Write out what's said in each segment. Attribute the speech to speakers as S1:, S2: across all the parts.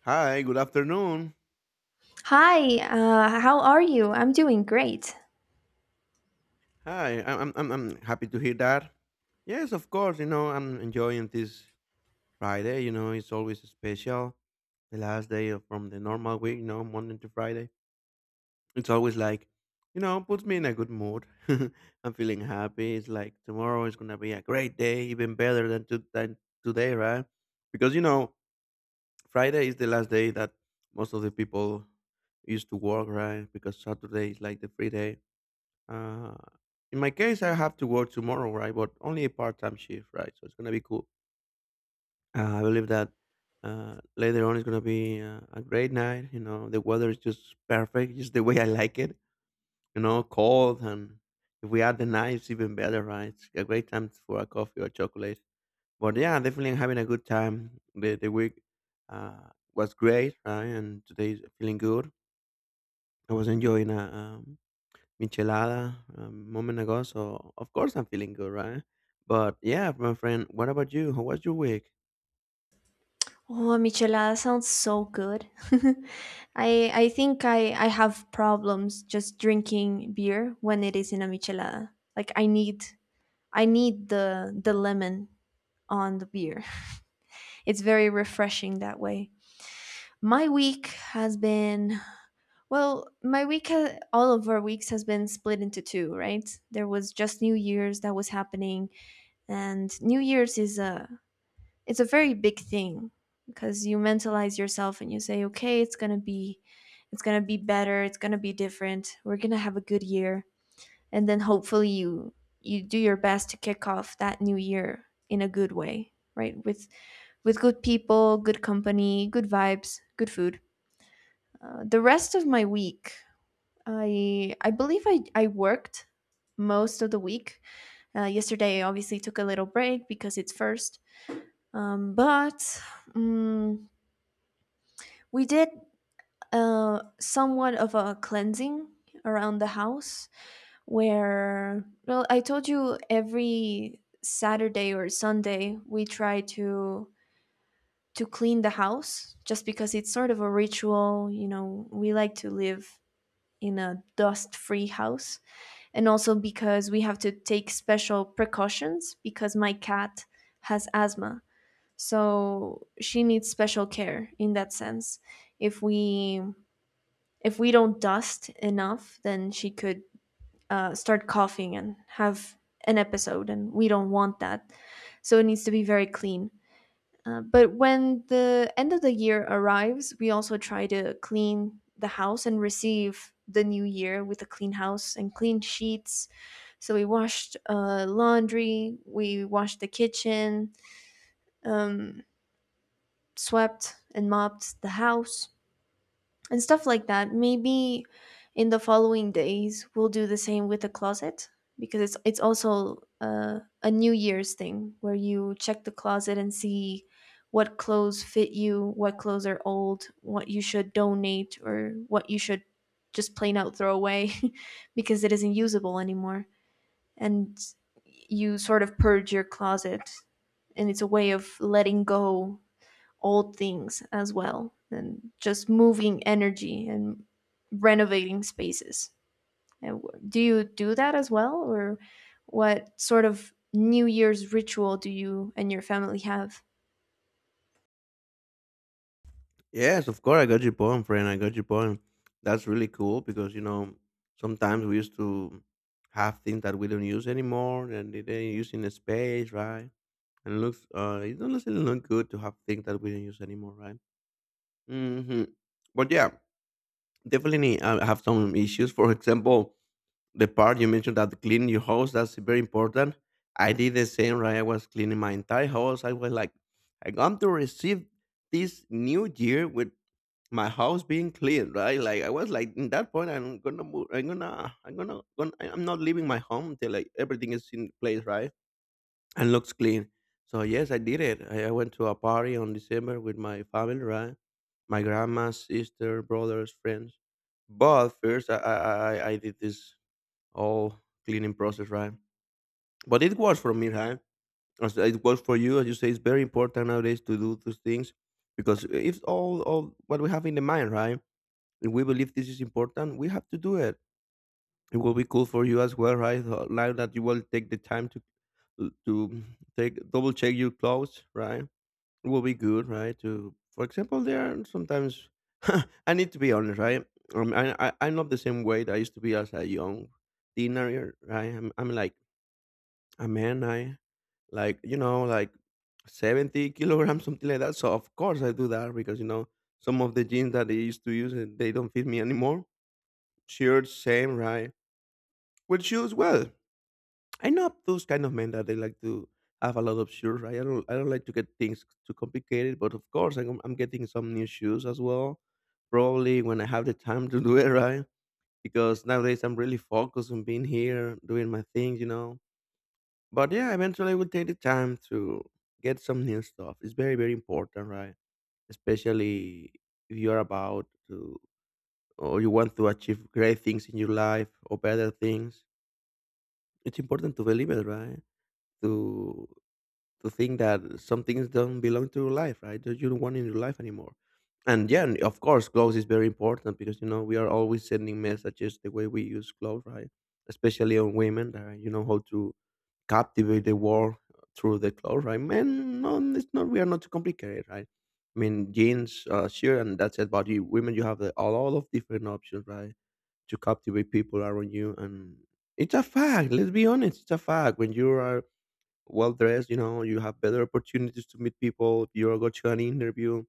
S1: Hi, good afternoon.
S2: Hi, how are you? I'm doing great.
S1: Hi, I'm happy to hear that. Yes, of course. You know, I'm enjoying this Friday. You know, it's always special. The last day of, from the normal week. You know, Monday to Friday. It's always like, you know, puts me in a good mood. I'm feeling happy. It's like tomorrow is gonna be a great day, even better than today, right? Because Friday is the last day that most of the people used to work, right? Because Saturday is like the free day Uh, in my case, I have to work tomorrow, right? But only a part-time shift, right? So it's gonna be cool. I believe that later on it's gonna be a great night. You know, the weather is just perfect, just the way I like it. You know, cold, and if we add the night, it's even better, right? It's a great time for a coffee or chocolate. But yeah, definitely I'm having a good time. The week was great, right? And today's feeling good. I was enjoying a Michelada a moment ago, so of course I'm feeling good, right? But yeah, my friend, what about you? How was your week?
S2: Oh, michelada sounds so good. I think I have problems just drinking beer when it is in a michelada. Like I need the lemon on the beer. It's very refreshing that way. My week has been. My week, all of our weeks has been split into two, right? There was just New Year's that was happening, and New Year's is a, it's a very big thing because you mentalize yourself and you say, okay, it's going to be better, it's going to be different, we're going to have a good year. And then hopefully you do your best to kick off that new year in a good way, right? With good people, good company, good vibes, good food. The rest of my week, I believe I worked most of the week. Yesterday I obviously took a little break because it's first. But um, we did somewhat of a cleansing around the house where, well, I told you every Saturday or Sunday we try to clean the house just because it's sort of a ritual. You know, we like to live in a dust-free house, and also because we have to take special precautions because my cat has asthma. So she needs special care in that sense. If we if we don't dust enough, then she could start coughing and have an episode, and we don't want that. So it needs to be very clean. But when the end of the year arrives, we also try to clean the house and receive the new year with a clean house and clean sheets. So we washed laundry, we washed the kitchen, um, swept and mopped the house, and stuff like that. Maybe in the following days we'll do the same with the closet because it's also a New Year's thing where you check the closet and see what clothes fit you, what clothes are old, what you should donate, or what you should just plain out throw away because it isn't usable anymore. And you sort of purge your closet, and it's a way of letting go old things as well, and just moving energy and renovating spaces. And do you do that as well, or what sort of New Year's ritual do you and your family have?
S1: Yes, of course I got your point, friend. I got your point. That's really cool because you know sometimes we used to have things that we don't use anymore, and they didn't use in the space, right? And it looks, it doesn't necessarily look good to have things that we don't use anymore, right? Mm-hmm. But yeah, definitely I have some issues. For example, the part you mentioned that cleaning your house, that's very important. I did the same, right? I was cleaning my entire house. I was like, I'm going to receive this new year with my house being clean, right? Like I was like, in that point, I'm gonna I'm not leaving my home until like everything is in place, right, and looks clean. So yes, I did it. I went to a party on December with my family, right? My grandma, sister, brothers, friends. But first, I did this all cleaning process, right? But it works for me, right? As it works for you, as you say, it's very important nowadays to do those things, because if all what we have in the mind, right? If we believe this is important, we have to do it. It will be cool for you as well, right? So now that you will take the time to take double check your clothes, right? It will be good, right? To, for example, there are sometimes, I need to be honest, right? I I'm not the same way that I used to be as a young teenager, right? I'm like a man. I like, you know, like 70 kilograms kilograms, something like that. So of course I do that, because you know, some of the jeans that I used to use, they don't fit me anymore. Shirts, same, right? With shoes, well, I know those kind of men that they like to have a lot of shoes, right? I don't like to get things too complicated, but of course I'm getting some new shoes as well, probably when I have the time to do it. Right? Because nowadays I'm really focused on being here doing my things, you know. But yeah, eventually I will take the time to get some new stuff. It's very, very important, right? Especially if you're about to, or you want to achieve great things in your life, or better things. It's important to believe it, right? To to think that some things don't belong to your life, right? That you don't want in your life anymore. And yeah, and of course, clothes is very important, because you know we are always sending messages the way we use clothes, right? Especially on women, that you know how to captivate the world through the clothes, right? Men, no, it's not. We are not too complicated, right? I mean, jeans, sure, and that's it. But you, women, you have the, all of different options, right, to captivate people around you, and it's a fact. Let's be honest, it's a fact. When you are well dressed, you know, you have better opportunities to meet people. If you go to an interview,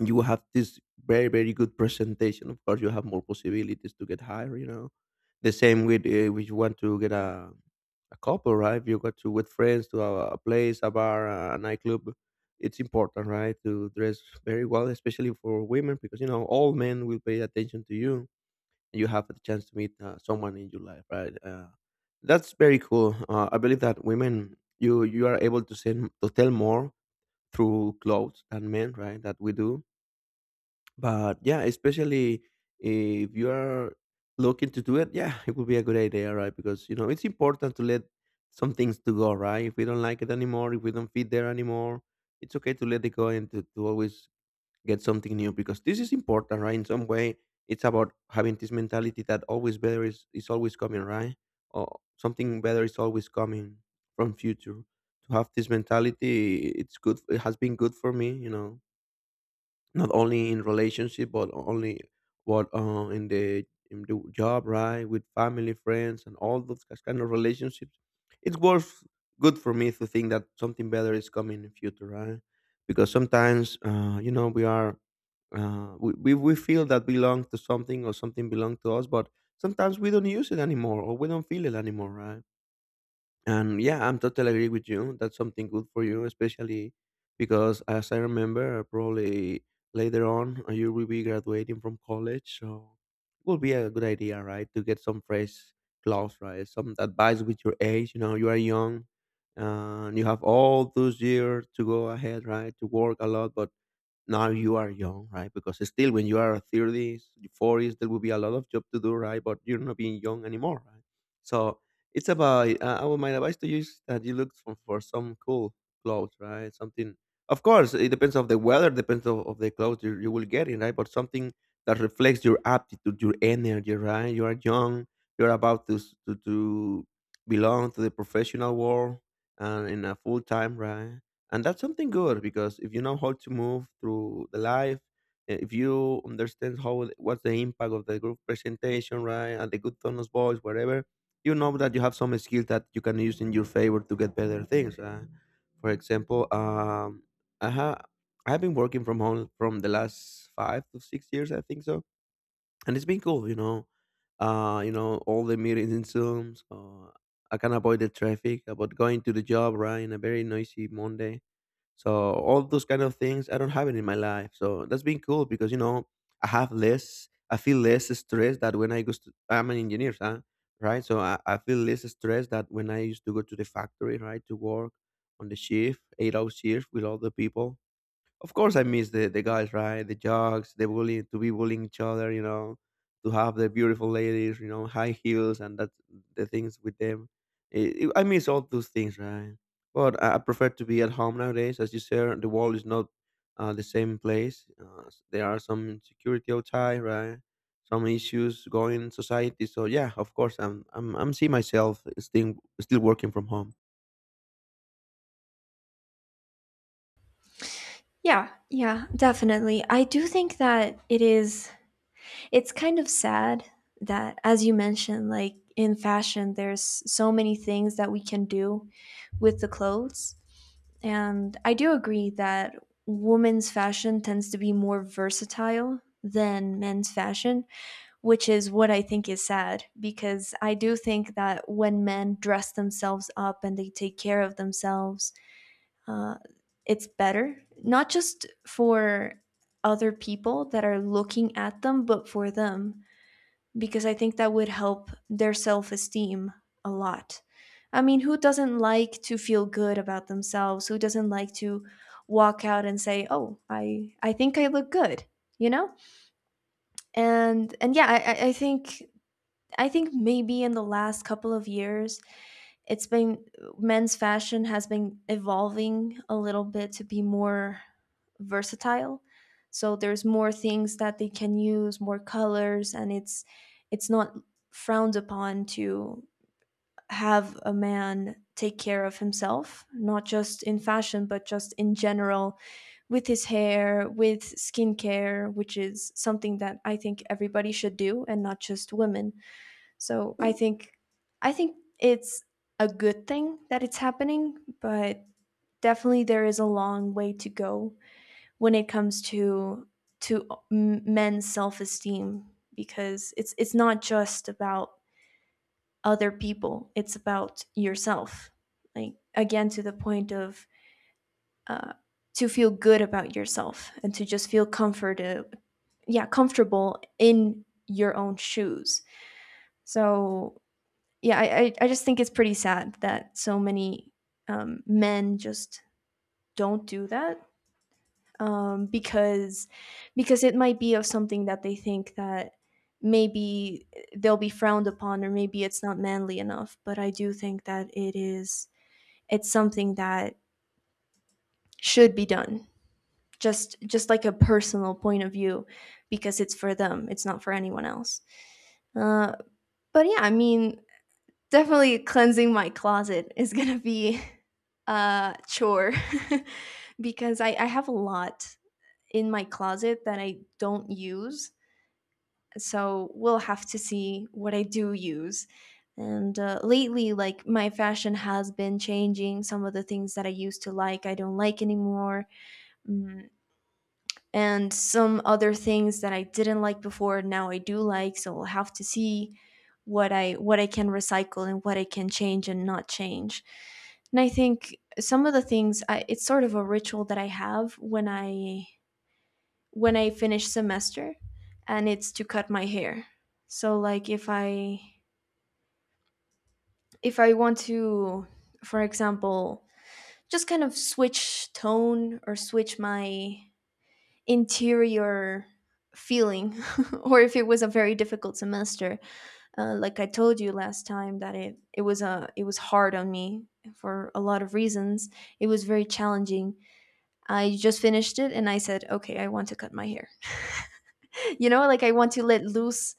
S1: you have this very, very good presentation. Of course, you have more possibilities to get hired. You know, the same with, if you want to get a couple, right? If you go to with friends to a place, a bar, a nightclub, it's important, right, to dress very well, especially for women, because you know all men will pay attention to you, and you have the chance to meet someone in your life, right? That's very cool. I believe that women, you are able to send to tell more through clothes than men, right? That we do, but yeah, especially if you are looking to do it, yeah, it would be a good idea, right? Because you know it's important to let some things to go, right? If we don't like it anymore, if we don't fit there anymore, it's okay to let it go, and to always get something new, because this is important, right? In some way, it's about having this mentality that always better is always coming, right? Or something better is always coming from future. To have this mentality, it's good. It has been good for me, you know, not only in relationship, but only what in the job, right, with family, friends, and all those kind of relationships. It's worth good for me to think that something better is coming in the future, right? Because sometimes, you know, we are, we feel that belong to something, or something belong to us, but sometimes we don't use it anymore, or we don't feel it anymore, right? And yeah, I'm totally agree with you. That's something good for you, especially because as I remember, probably later on, you will be graduating from college, so it will be a good idea, right, to get some fresh clothes, right? Some advice with your age. You know, you are young, and you have all those years to go ahead, right, to work a lot, but now you are young, right? Because still, when you are 30s, 40s, there will be a lot of job to do, right? But you're not being young anymore, right? So it's about, my advice to you is that you look for some cool clothes, right? Something, of course, it depends of the weather, depends of the clothes you will get in, right? But something that reflects your aptitude, your energy, right? You are young, you're about to belong to the professional world, and in a full time, right? And that's something good, because if you know how to move through the life, if you understand what's the impact of the group presentation, right, and the good tone of voice, whatever, you know that you have some skill that you can use in your favor to get better things. For example, I have, I've been working from home from the last 5 to 6 years, I think so, and it's been cool, you know. You know, all the meetings in Zoom, so I can avoid the traffic about going to the job, right, in a very noisy Monday. So all those kind of things, I don't have it in my life. So that's been cool, because you know I have less, I feel less stress that when I go. To, I'm an engineer, huh? Right? So I feel less stress that when I used to go to the factory, right, to work on the shift, 8 hours shift with all the people. Of course I miss the guys, right? The jocks, the bullying, to be bullying each other, you know, to have the beautiful ladies, you know, high heels and that the things with them. I miss all those things, right? But I prefer to be at home nowadays, as you said. The world is not the same place. There are some insecurity outside, right? Some issues going in society. So yeah, of course, I'm seeing myself still still working from home.
S2: Yeah, yeah, definitely. I do think that it's kind of sad that, as you mentioned, like in fashion, there's so many things that we can do with the clothes. And I do agree that women's fashion tends to be more versatile than men's fashion, which is what I think is sad, because I do think that when men dress themselves up and they take care of themselves, uh, it's better, not just for other people that are looking at them, but for them, because I think that would help their self esteem a lot. I mean, who doesn't like to feel good about themselves? Who doesn't like to walk out and say, "Oh, I think I look good," you know? And yeah, I think, I think maybe in the last couple of years it's been, men's fashion has been evolving a little bit to be more versatile, so there's more things that they can use, more colors, and it's not frowned upon to have a man take care of himself, not just in fashion but just in general, with his hair, with skincare, which is something that I think everybody should do, and not just women. So I think, I think it's a good thing that it's happening, but definitely there is a long way to go when it comes to men's self-esteem, because it's not just about other people, it's about yourself. Like, again, to the point of uh, to feel good about yourself and to just feel comfortable in your own shoes. So yeah, I just think it's pretty sad that so many men just don't do that, because it might be of something that they think that maybe they'll be frowned upon, or maybe it's not manly enough. But I do think that it's something that should be done, just like a personal point of view, because it's for them, it's not for anyone else. uh, but yeah, I mean, definitely cleansing my closet is gonna be a chore because I have a lot in my closet that I don't use. So we'll have to see what I do use. And lately, like my fashion has been changing. Some of the things that I used to like, I don't like anymore. Mm, and some other things that I didn't like before, now I do like. So we'll have to see what I can recycle and what I can change and not change. And I think some of the things it's sort of a ritual that I have when I finish semester, and it's to cut my hair. So like if I want to, for example, just kind of switch tone or switch my interior feeling, or if it was a very difficult semester. Like I told you last time that it was hard on me for a lot of reasons. It was very challenging. I just finished it and I said, okay, I want to cut my hair. You know, like, I want to let loose,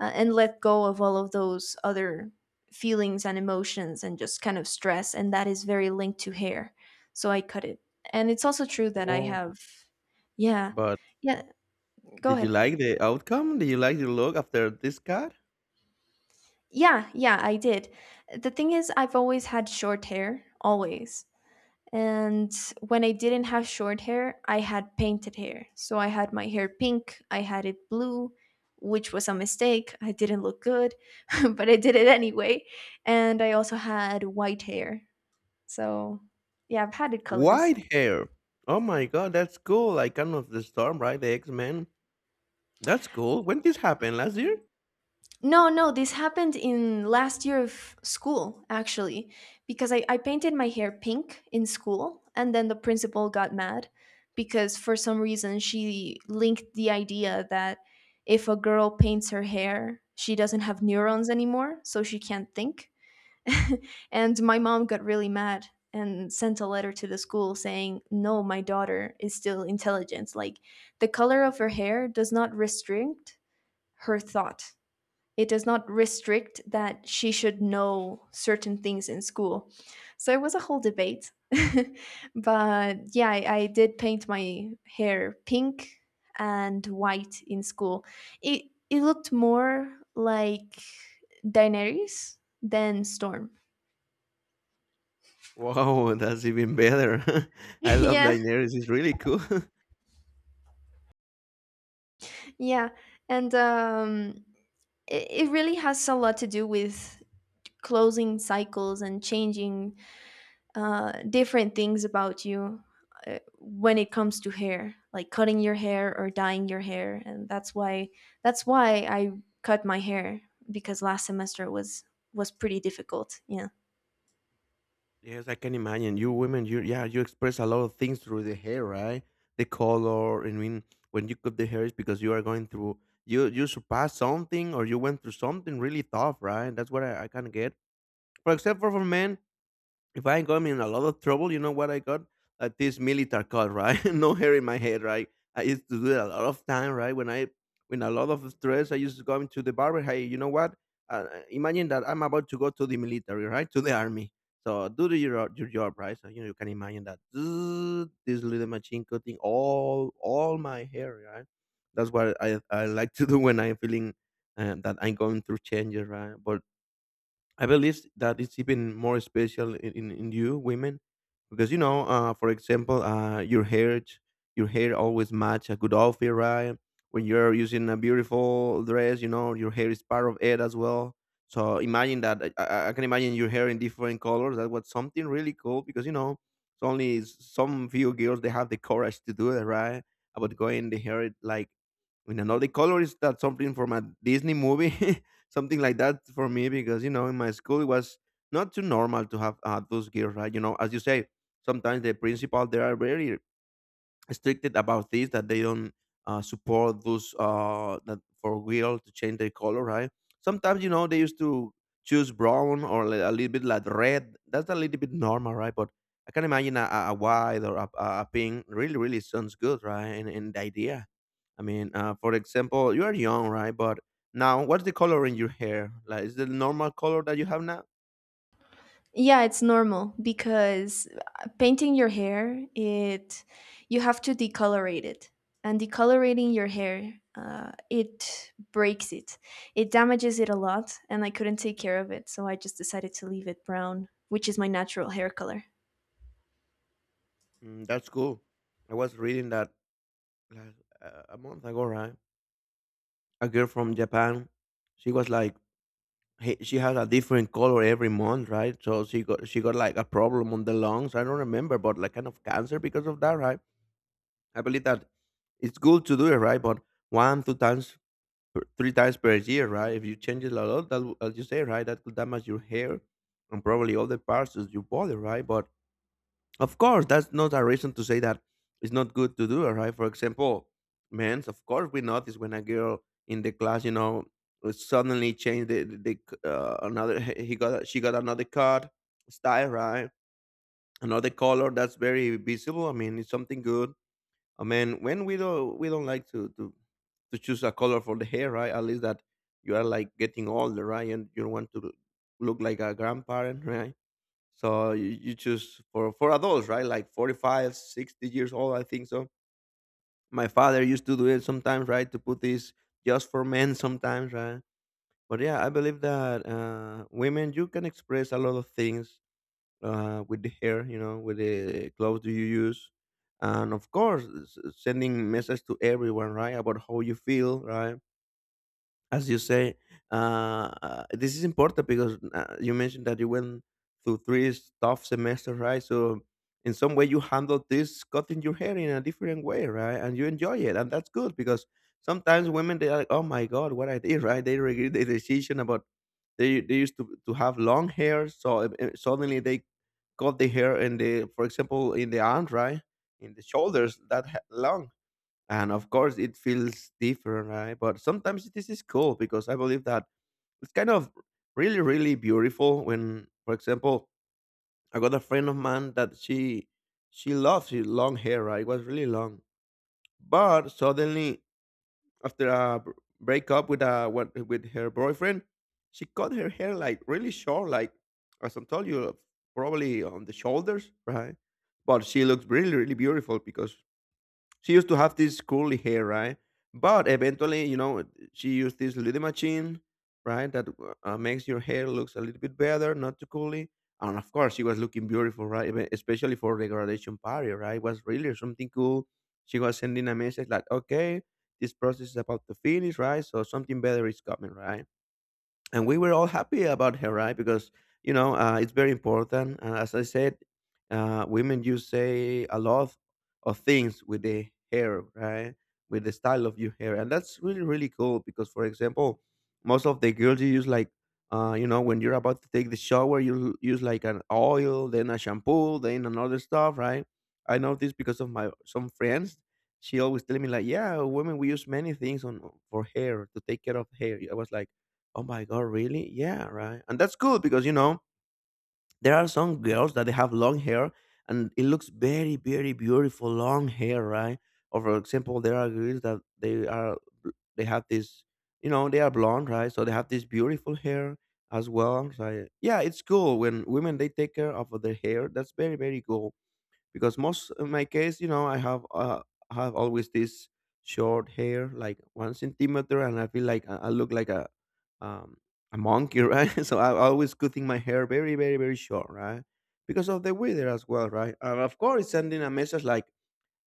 S2: and let go of all of those other feelings and emotions and just kind of stress, and that is very linked to hair. So I cut it, and it's also true that I
S1: Whoa!
S2: have. Yeah.
S1: But
S2: Yeah, go
S1: did
S2: ahead.
S1: you like the outcome? Did you like the look after this guy?
S2: Yeah, yeah, I did. The thing is, I've always had short hair, always. And when I didn't have short hair, I had painted hair. So I had my hair pink, I had it blue, which was a mistake. I didn't look good, but I did it anyway. And I also had white hair. So yeah, I've had it colors.
S1: White hair. Oh my god, that's cool. Like kind of the storm, right? The X Men. That's cool. When this happened last year?
S2: No, no, this happened in last year of school, actually, because I painted my hair pink in school, and then the principal got mad because for some reason she linked the idea that if a girl paints her hair, she doesn't have neurons anymore, so she can't think. And my mom got really mad and sent a letter to the school saying, no, my daughter is still intelligent. Like, the color of her hair does not restrict her thought, it does not restrict that she should know certain things in school. So it was a whole debate. But yeah, I did paint my hair pink and white in school. It it looked more like Daenerys than Storm.
S1: Wow, that's even better. I love
S2: Yeah,
S1: Daenerys. It's really cool.
S2: yeah, and it really has a lot to do with closing cycles and changing different things about you when it comes to hair, like cutting your hair or dyeing your hair, and that's why I cut my hair, because last semester was pretty difficult. Yeah,
S1: Yes, I can imagine. You women, you, yeah, you express a lot of things through the hair, right? The color. I mean, when you cut the hair, it's because you are going through you surpassed something or you went through something really tough, right? That's what I can get. For except for men, if I got me in a lot of trouble, you know what I got? This military cut, right? No hair in my head, right? I used to do it a lot of time, right? When I, when a lot of stress, I used to go into the barber. Hey, you know what? Imagine that I'm about to go to the military, right? To the army. So do the, your job, right? So you know you can imagine that this little machine cutting all my hair, right? That's what I like to do when I'm feeling that I'm going through changes, right? But I believe that it's even more special in you women because you know, for example, your hair always match a good outfit, right? When you're using a beautiful dress, you know your hair is part of it as well. So imagine that I can imagine your hair in different colors. That was something really cool because you know it's only some few girls they have the courage to do it, right? About going the hair like in another color is that something from a Disney movie something like that for me because you know in my school it was not too normal to have those girls, right, you know, as you say, sometimes the principal they are very restricted about this, that they don't support those that for girls to change their color, right? Sometimes you know they used to choose brown or a little bit like red, that's a little bit normal, right, but I can imagine a white or a pink really really sounds good, right, and the idea I mean, for example, you are young, right? But now, what's the color in your hair? Like, is the normal color that you have now?
S2: yeah, it's normal because painting your hair, it you have to decolorate it, and decolorating your hair. It breaks it, it damages it a lot, and I couldn't take care of it, so I just decided to leave it brown, which is my natural hair color.
S1: Mm, that's cool. I was reading that like, a month ago, right? A girl from Japan, she was like, hey, she has a different color every month, right? So she got like a problem on the lungs. I don't remember, but like kind of cancer because of that, right? I believe that it's good to do it, right? But one, two times or three times per year, right? If you change it a lot, that as you say, right, that could damage your hair and probably other parts of your body, right? But of course, that's not a reason to say that it's not good to do it, right? For example, men's, of course, we notice when a girl in the class, you know, suddenly changed the, another he got she got another cut style, right? Another color that's very visible. I mean, it's something good I mean, when we don't like to choose a color for the hair, right? At least that you are like getting older, right? And you want to look like a grandparent, right? So you choose for adults, right? Like 45, 60 years old, I think so. My father used to do it sometimes, right? To put this just for men sometimes, right? But yeah, I believe that women you can express a lot of things with the hair, you know, with the clothes do you use, and of course, sending message to everyone, right, about how you feel, right, as you say, this is important because you mentioned that you went through three tough semesters, right? So in some way you handled this cutting your hair in a different way, right? And you enjoy it, and that's good because sometimes women they are like, oh my god, what I did, right? They regret the decision about they used to have long hair, so suddenly they cut the hair in the, for example, in the arms, right? In the shoulders, that long and of course it feels different, right, but sometimes this is cool because I believe that it's kind of really really beautiful when for example I got a friend of mine that she loves her long hair, right, it was really long, but suddenly after a breakup with a what with her boyfriend she cut her hair like really short like as I told you probably on the shoulders, right, but she looks really really beautiful because she used to have this curly hair, right? But eventually, you know, she used this little machine, right, that makes your hair looks a little bit better, not too curly. And of course, she was looking beautiful, right? Especially for the graduation party, right? It was really something cool. She was sending a message like, "Okay, this process is about to finish, right? So something better is coming, right?" And we were all happy about her, right, because you know it's very important and as I said women you say a lot of things with the hair, right, with the style of your hair, and that's really really cool because for example most of the girls you use like you know when you're about to take the shower you use like an oil then a shampoo then another stuff, right. I know this because of my some friends, she always telling me like yeah, women we use many things on for hair to take care of hair. I was like oh my god, really? Yeah, right. And that's good because you know there are some girls that they have long hair and it looks very, very beautiful long hair, right? Or for example, there are girls that they are they have this, you know, they are blonde, right? So they have this beautiful hair as well. So yeah, it's cool when women they take care of their hair. That's very, very cool because most in my case you know I have always this short hair like one centimeter and I feel like I look like um, a monkey right, so I'm always cutting my hair very very very short, right, because of the weather as well, right, and of course it's sending a message like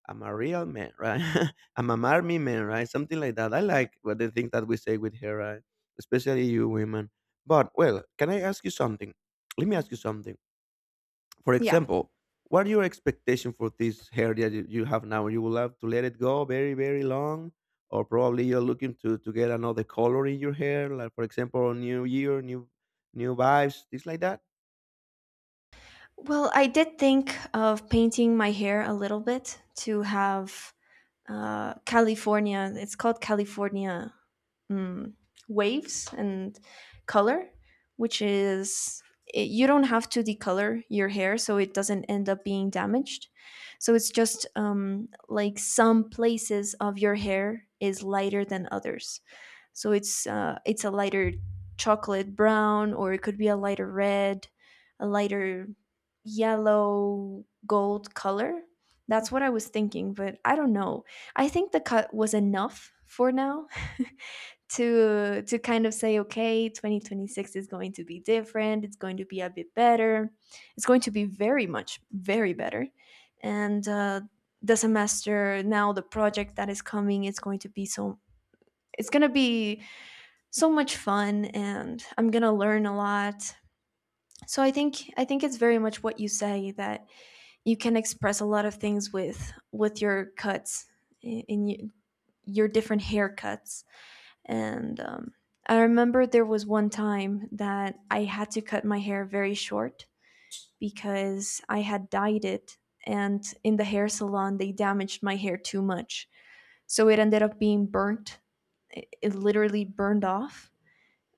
S1: I'm a real man, right, I'm an army man, right, something like that. I like what the thing that we say with hair, right, especially you women, but well, can I ask you something, let me ask you something, for
S2: Yeah.
S1: example, what are your expectation for this hair that you have now? You will have to let it go very, very long, or probably you're looking to get another color in your hair, like for example, new year, new new vibes, things like that.
S2: Well, I did think of painting my hair a little bit to have California. It's called California, mm, waves and color, which is, it, you don't have to decolor your hair, so it doesn't end up being damaged. So it's just like some places of your hair is lighter than others. So it's a lighter chocolate brown, or it could be a lighter red, a lighter yellow gold color. That's what I was thinking, but I don't know. I think the cut was enough for now. To kind of say, okay, 2026 is going to be different, it's going to be a bit better, it's going to be very much very better. And the semester now, the project that is coming, it's going to be so, it's going to be so much fun, and I'm going to learn a lot. So I think, I think it's very much what you say, that you can express a lot of things with your cuts in your different haircuts. And I remember there was one time that I had to cut my hair very short because I had dyed it, and in the hair salon they damaged my hair too much. So it ended up being burnt. It literally burned off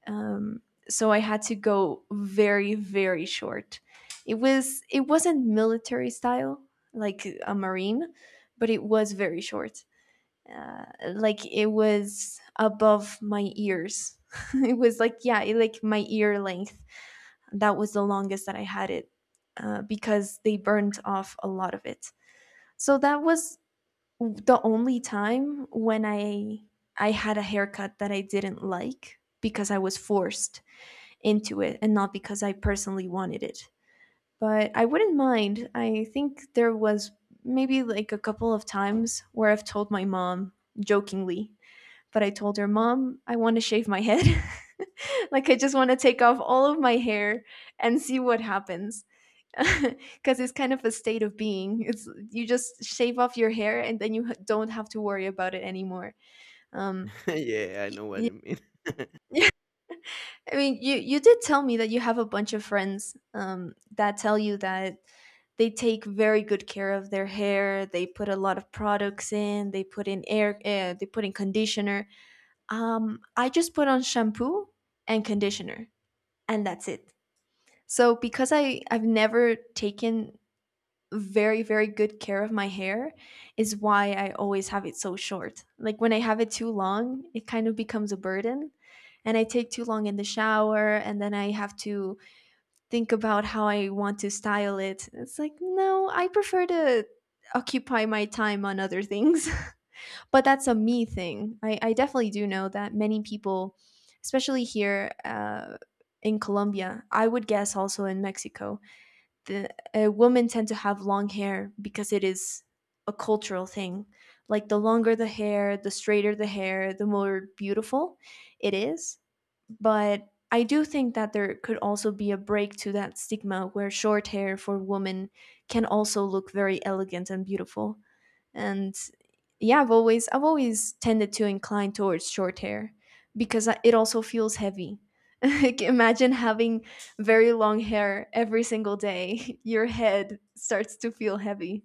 S2: um, so I had to go very very short. It wasn't military style like a marine, but it was very short. Uh, like it was above my ears. It was like yeah, like my ear length. That was the longest that I had it because they burned off a lot of it. So that was the only time when I had a haircut that I didn't like because I was forced into it and not because I personally wanted it. But I wouldn't mind. I think there was maybe like a couple of times where I've told my mom jokingly, but I told her, Mom, I want to shave my head. Like, I just want to take off all of my hair and see what happens. Because it's kind of a state of being. It's you just shave off your hair and then you don't have to worry about it anymore. Um,
S1: Yeah, I know what
S2: y-
S1: you mean.
S2: I mean, you did tell me that you have a bunch of friends that tell you that they take very good care of their hair. They put a lot of products in. They put in air. They put in conditioner. I just put on shampoo and conditioner, and that's it. So because I've never taken very very good care of my hair is why I always have it so short. Like when I have it too long, it kind of becomes a burden and I take too long in the shower and then I have to think about how I want to style it. It's like, no, I prefer to occupy my time on other things. But that's a me thing. I definitely do know that many people, especially here in Colombia, I would guess also in Mexico, the women tend to have long hair because it is a cultural thing. Like the longer the hair, the straighter the hair, the more beautiful it is. But I do think that there could also be a break to that stigma where short hair for women can also look very elegant and beautiful. And yeah, I've always tended to incline towards short hair because it also feels heavy. Like, imagine having very long hair every single day. Your head starts to feel heavy.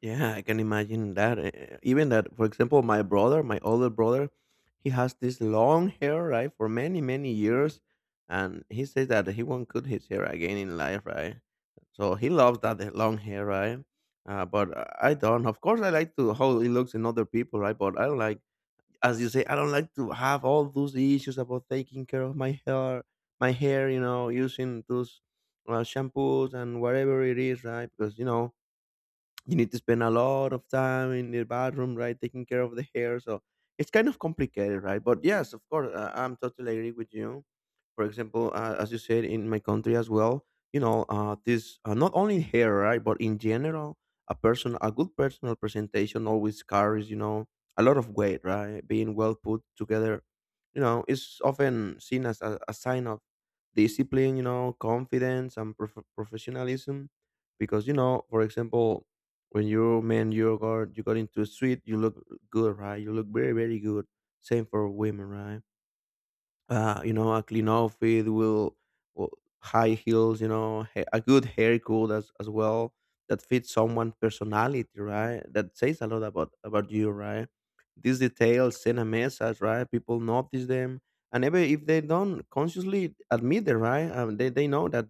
S1: Yeah, I can imagine that. Even that, for example, my brother, my older brother, he has this long hair, right, for many, many years. And he says that he won't cut his hair again in life, right? So he loves that long hair, right? But I don't. Of course, I like to how it looks in other people, right? But I don't like, as you say, I don't like to have all those issues about taking care of my hair, you know, using those shampoos and whatever it is, right? Because, you know, you need to spend a lot of time in the bathroom, right, taking care of the hair. So it's kind of complicated, right? But yes, of course, I'm totally agree with you. For example, as you said, in my country as well, you know, this not only hair, right, but in general, a person, a good personal presentation always carries, you know, a lot of weight, right? Being well put together, you know, is often seen as a sign of discipline, you know, confidence and professionalism, because you know, for example, when you are man you got into a suit you look good, right, you look very very good, same for women, right? You know, a clean outfit will high heels, you know, a good haircut as well that fits someone personality, right? That says a lot about you, right? These details send a message, right? People notice them, and even if they don't consciously admit it, right? They know that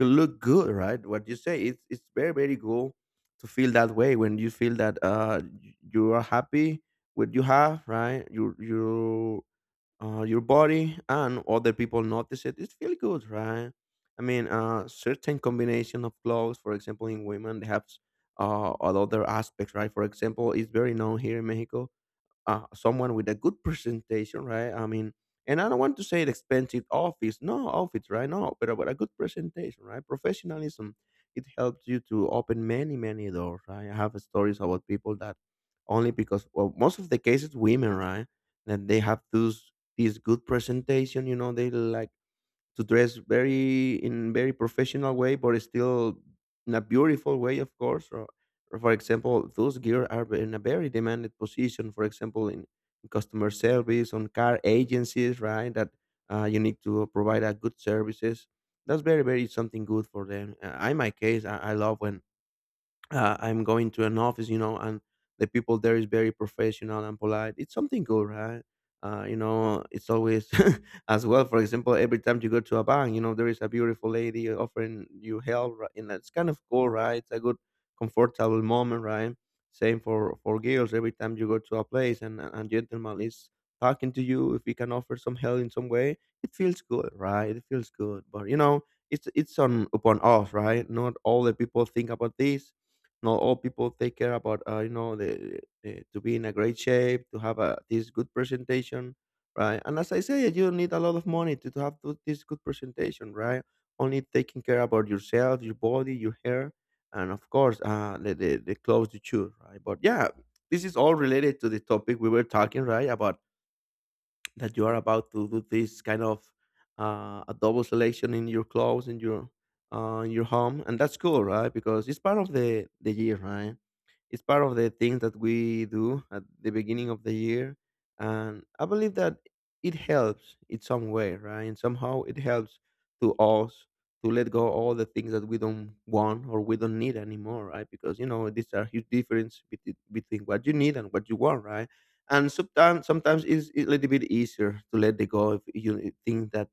S1: you look good, right? What you say, it's very very cool to feel that way when you feel that you are happy with you have, right? Your body and other people notice it, it feels good, right? I mean, certain combination of clothes, for example, in women, they have all other aspects, right? For example, it's very known here in Mexico, someone with a good presentation, right? I mean, and I don't want to say an expensive office, no office, right? No, but a good presentation, right? Professionalism, it helps you to open many, many doors, right? I have stories about people that only because, well, most of the cases, women, right? That they have these good presentation, you know, they like to dress very in very professional way, but still in a beautiful way, of course. Or, for example, those gear are in a very demanded position. For example, in customer service, on car agencies, right? That you need to provide a good services. That's very very something good for them. In my case, I love when I'm going to an office, you know, and the people there is very professional and polite. It's something good, right? It's always as well. For example, every time you go to a bank, there is a beautiful lady offering you help, right? And that's kind of cool, right? It's a good, comfortable moment, right? Same for girls. Every time you go to a place and a gentleman is talking to you, if we can offer some help in some way, it feels good, right? It feels good. But you know, it's on upon us, right? Not all the people think about this. Not all people take care about you know the to be in a great shape to have a this good presentation, right. And as I said, you don't need a lot of money to have this good presentation, right. Only taking care about yourself, your body, your hair, and of course the clothes you choose, right. But yeah, this is all related to the topic we were talking, right, about that you are about to do this kind of a double selection in your clothes, in your home. And that's cool, right, because it's part of the year, right. It's part of the things that we do at the beginning of the year, and I believe that it helps in some way, right? And somehow it helps to us to let go all the things that we don't want or we don't need anymore, right? Because you know, these are huge difference between what you need and what you want, right? And sometimes it's a little bit easier to let it go if you think that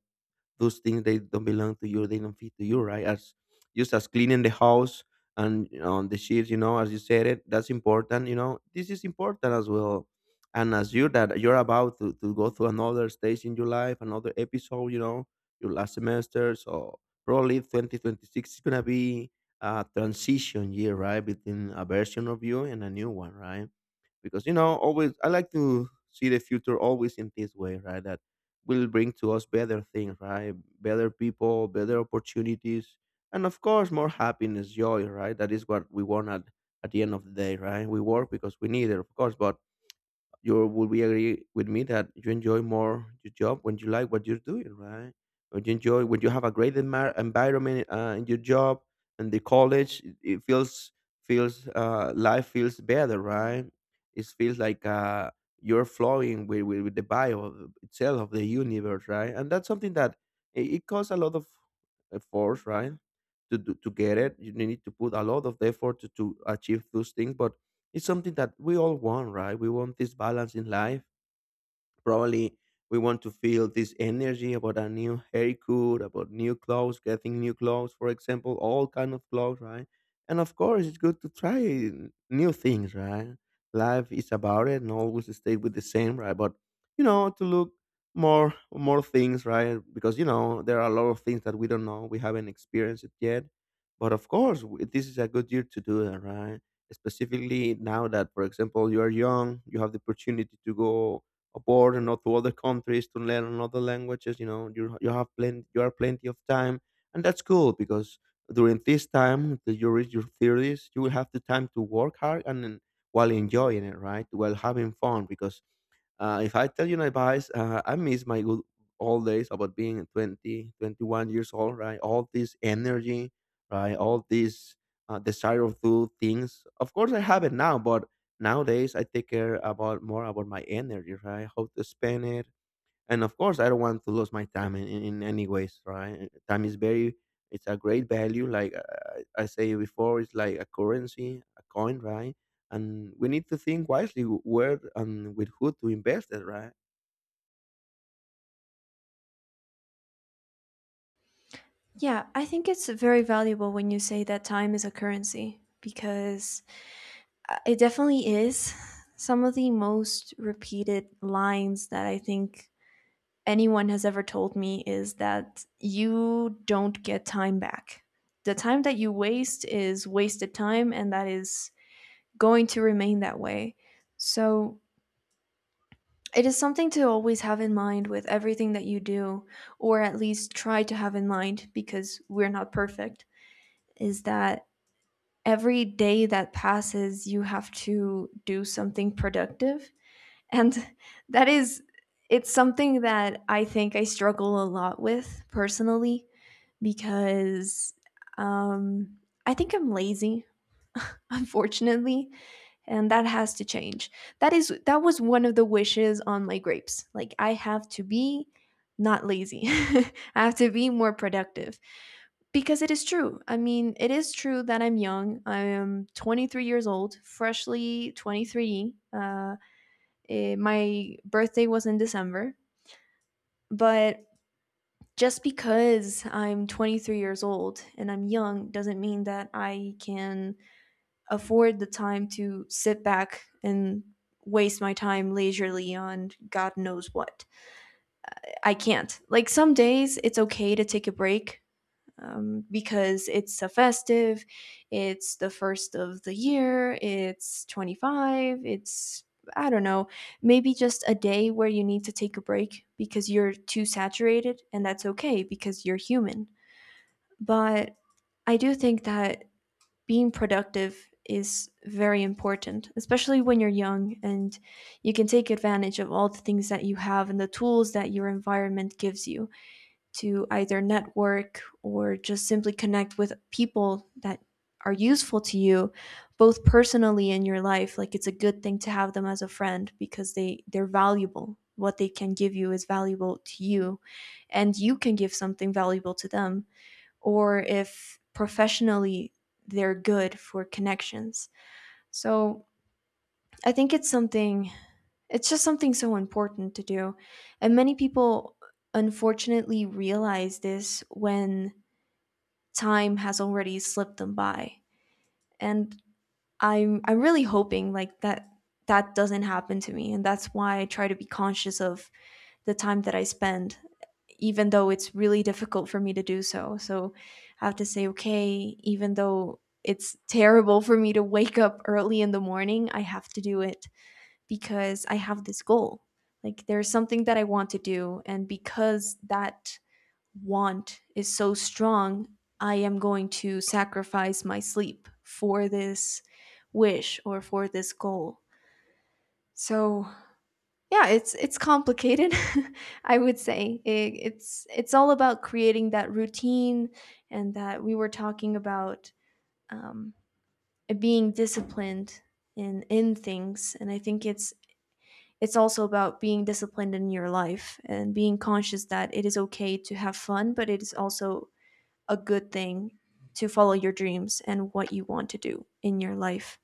S1: those things, they don't belong to you, they don't fit to you, right, as just as cleaning the house and on the sheets, you know, as you said it, that's important, you know, this is important as well. And as you, that you're about to go through another stage in your life, another episode, you know, your last semester. So probably 2026 is going to be a transition year, right, between a version of you and a new one, right. Because you know, always I like to see the future always in this way, right, that will bring to us better things, right. Better people, better opportunities, and of course more happiness, joy, right. That is what we want at the end of the day, right. We work because we need it, of course, but you would be agree with me that you enjoy more your job when you like what you're doing, right? When you enjoy, when you have a great environment in your job and the college, it feels feels life feels better, right? It feels like you're flowing with the bio itself of the universe, right? And that's something that it costs a lot of force, right? To get it, you need to put a lot of effort to achieve those things, but it's something that we all want, right? We want this balance in life. Probably we want to feel this energy about a new haircut, about new clothes, getting new clothes, for example, all kind of clothes, right? And of course, it's good to try new things, right? Life is about it, and always stay with the same, right? But you know, to look more things, right? Because you know, there are a lot of things that we don't know, we haven't experienced it yet. But of course, this is a good year to do that, right? Specifically now that, for example, you are young, you have the opportunity to go abroad and not to other countries to learn another languages. You know, you have plenty, you have plenty of time, and that's cool because during this time, your theories, you will have the time to work hard and then while enjoying it, right? While having fun, because if I tell you an advice, I miss my good old days about being 20, 21 years old, right? All this energy, right? All this desire of do things. Of course, I have it now, but nowadays I take care about more about my energy, right? How to spend it, and of course I don't want to lose my time in any ways, right. Time is very, it's a great value, like I say before, it's like a currency, a coin, right. And we need to think wisely where and with who to invest it, right.
S2: Yeah, I think it's very valuable when you say that time is a currency because it definitely is some of the most repeated lines that I think anyone has ever told me is that you don't get time back. The time that you waste is wasted time, and that is going to remain that way. So, it is something to always have in mind with everything that you do, or at least try to have in mind because we're not perfect, is that every day that passes, you have to do something productive. And that is, it's something that I think I struggle a lot with personally because um, I think I'm lazy, unfortunately, and that has to change. That is, that was one of the wishes on my grapes. Like, I have to be not lazy, I have to be more productive because it is true. I mean, it is true that I'm young. I am 23 years old, freshly 23. My birthday was in December, but just because I'm 23 years old and I'm young doesn't mean that I can afford the time to sit back and waste my time leisurely on God knows what. I can't. Like some days it's okay to take a break because it's a festive, it's the first of the year, it's 25, it's I don't know, maybe just a day where you need to take a break because you're too saturated, and that's okay because you're human. But I do think that being productive is very important, especially when you're young and you can take advantage of all the things that you have and the tools that your environment gives you to either network or just simply connect with people that are useful to you, both personally in your life. Like, it's a good thing to have them as a friend because they're valuable. What they can give you is valuable to you and you can give something valuable to them, or if professionally they're good for connections. So I think it's something, it's just something so important to do. And many people unfortunately realize this when time has already slipped them by. And I'm really hoping like that that doesn't happen to me and that's why I try to be conscious of the time that I spend even though it's really difficult for me to do so. So I have to say okay, even though it's terrible for me to wake up early in the morning, I have to do it because I have this goal. Like there's something that I want to do. And because that want is so strong, I am going to sacrifice my sleep for this wish or for this goal. So yeah, it's complicated, I would say. It's all about creating that routine and that we were talking about, um, being disciplined in things. And I think it's also about being disciplined in your life and being conscious that it is okay to have fun, but it is also a good thing to follow your dreams and what you want to do in your life.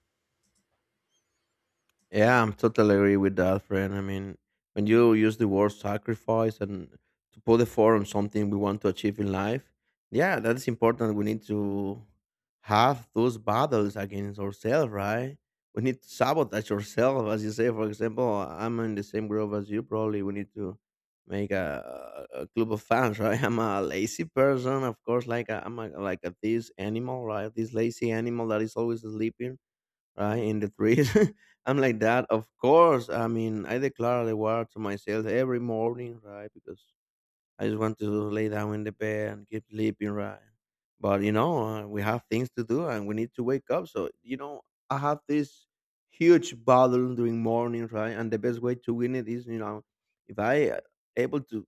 S1: Yeah, I'm totally agree with that, friend. I mean, when you use the word sacrifice and to put the effort on something we want to achieve in life, yeah, that is important. We need to have those battles against ourselves, right? We need to sabotage ourselves, as you say. For example, I'm in the same group as you. Probably we need to make a club of fans, right? I'm a lazy person, of course. Like a, I'm a, like a, this animal, right? This lazy animal that is always sleeping, right, in the trees. I'm like that, of course. I mean, I declare the war to myself every morning, right, because I just want to lay down in the bed and keep sleeping, right. But you know, we have things to do and we need to wake up, so you know, I have this huge battle during morning, right, and the best way to win it is, you know, if I able to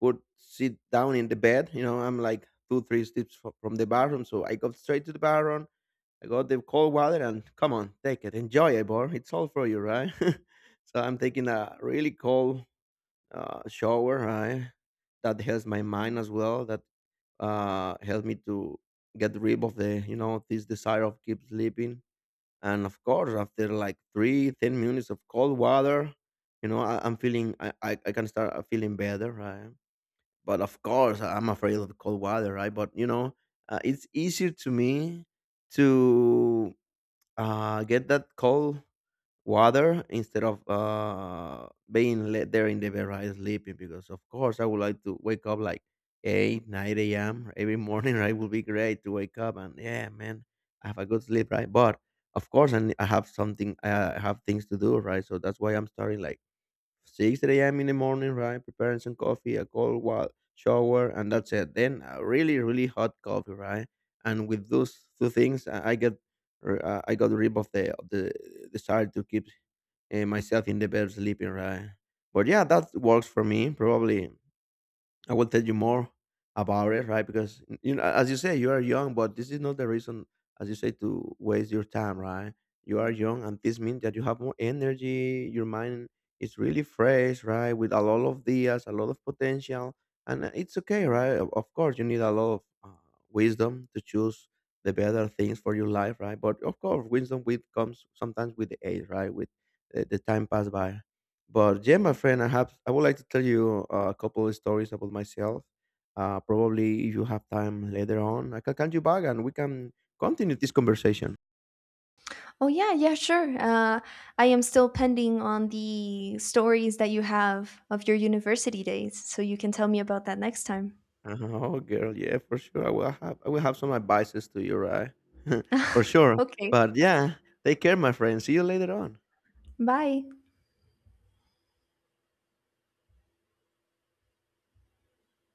S1: put sit down in the bed, you know, I'm like two three steps from the bathroom, so I go straight to the bathroom. I got the cold water and come on, take it, enjoy it, bro. It's all for you, right? So I'm taking a really cold shower, right? That helps my mind as well. That helped me to get rid of this desire of keep sleeping. And of course, after like three, 10 minutes of cold water, you know, I, I'm feeling, I can start feeling better, right? But of course, I'm afraid of cold water, right? But, you know, it's easier to me to get that cold water instead of being let there in the bed, right, sleeping, because of course I would like to wake up like 8 9 a.m every morning. Right, would be great to wake up, and yeah man, I have a good sleep, right. But of course, I, ne- I have something I have things to do, right, so that's why I'm starting like 6 a.m. in the morning, right? Preparing some coffee, a cold shower, and that's it. Then a really, really hot coffee, right? And with those two things, I got rid of the desire to keep myself in the bed sleeping, right? But yeah, that works for me. Probably I will tell you more about it, right? Because you know, as you say, you are young, but this is not the reason, as you say, to waste your time, right? You are young, and this means that you have more energy. Your mind is really fresh, right? With a lot of ideas, a lot of potential, and it's okay, right? Of course, you need a lot of wisdom to choose the better things for your life, right? But of course, wisdom with comes sometimes with the age, right? With the time passed by. But yeah, my friend, I would like to tell you a couple of stories about myself. Probably if you have time later on, I can call you back and we can continue this conversation.
S2: Oh yeah, yeah, sure. I am still pending on the stories that you have of your university days, so you can tell me about that next time.
S1: Oh, girl, yeah, for sure. I will have some advices to you, right? For sure.
S2: Okay,
S1: But yeah, take care, my friend. See you later on.
S2: bye.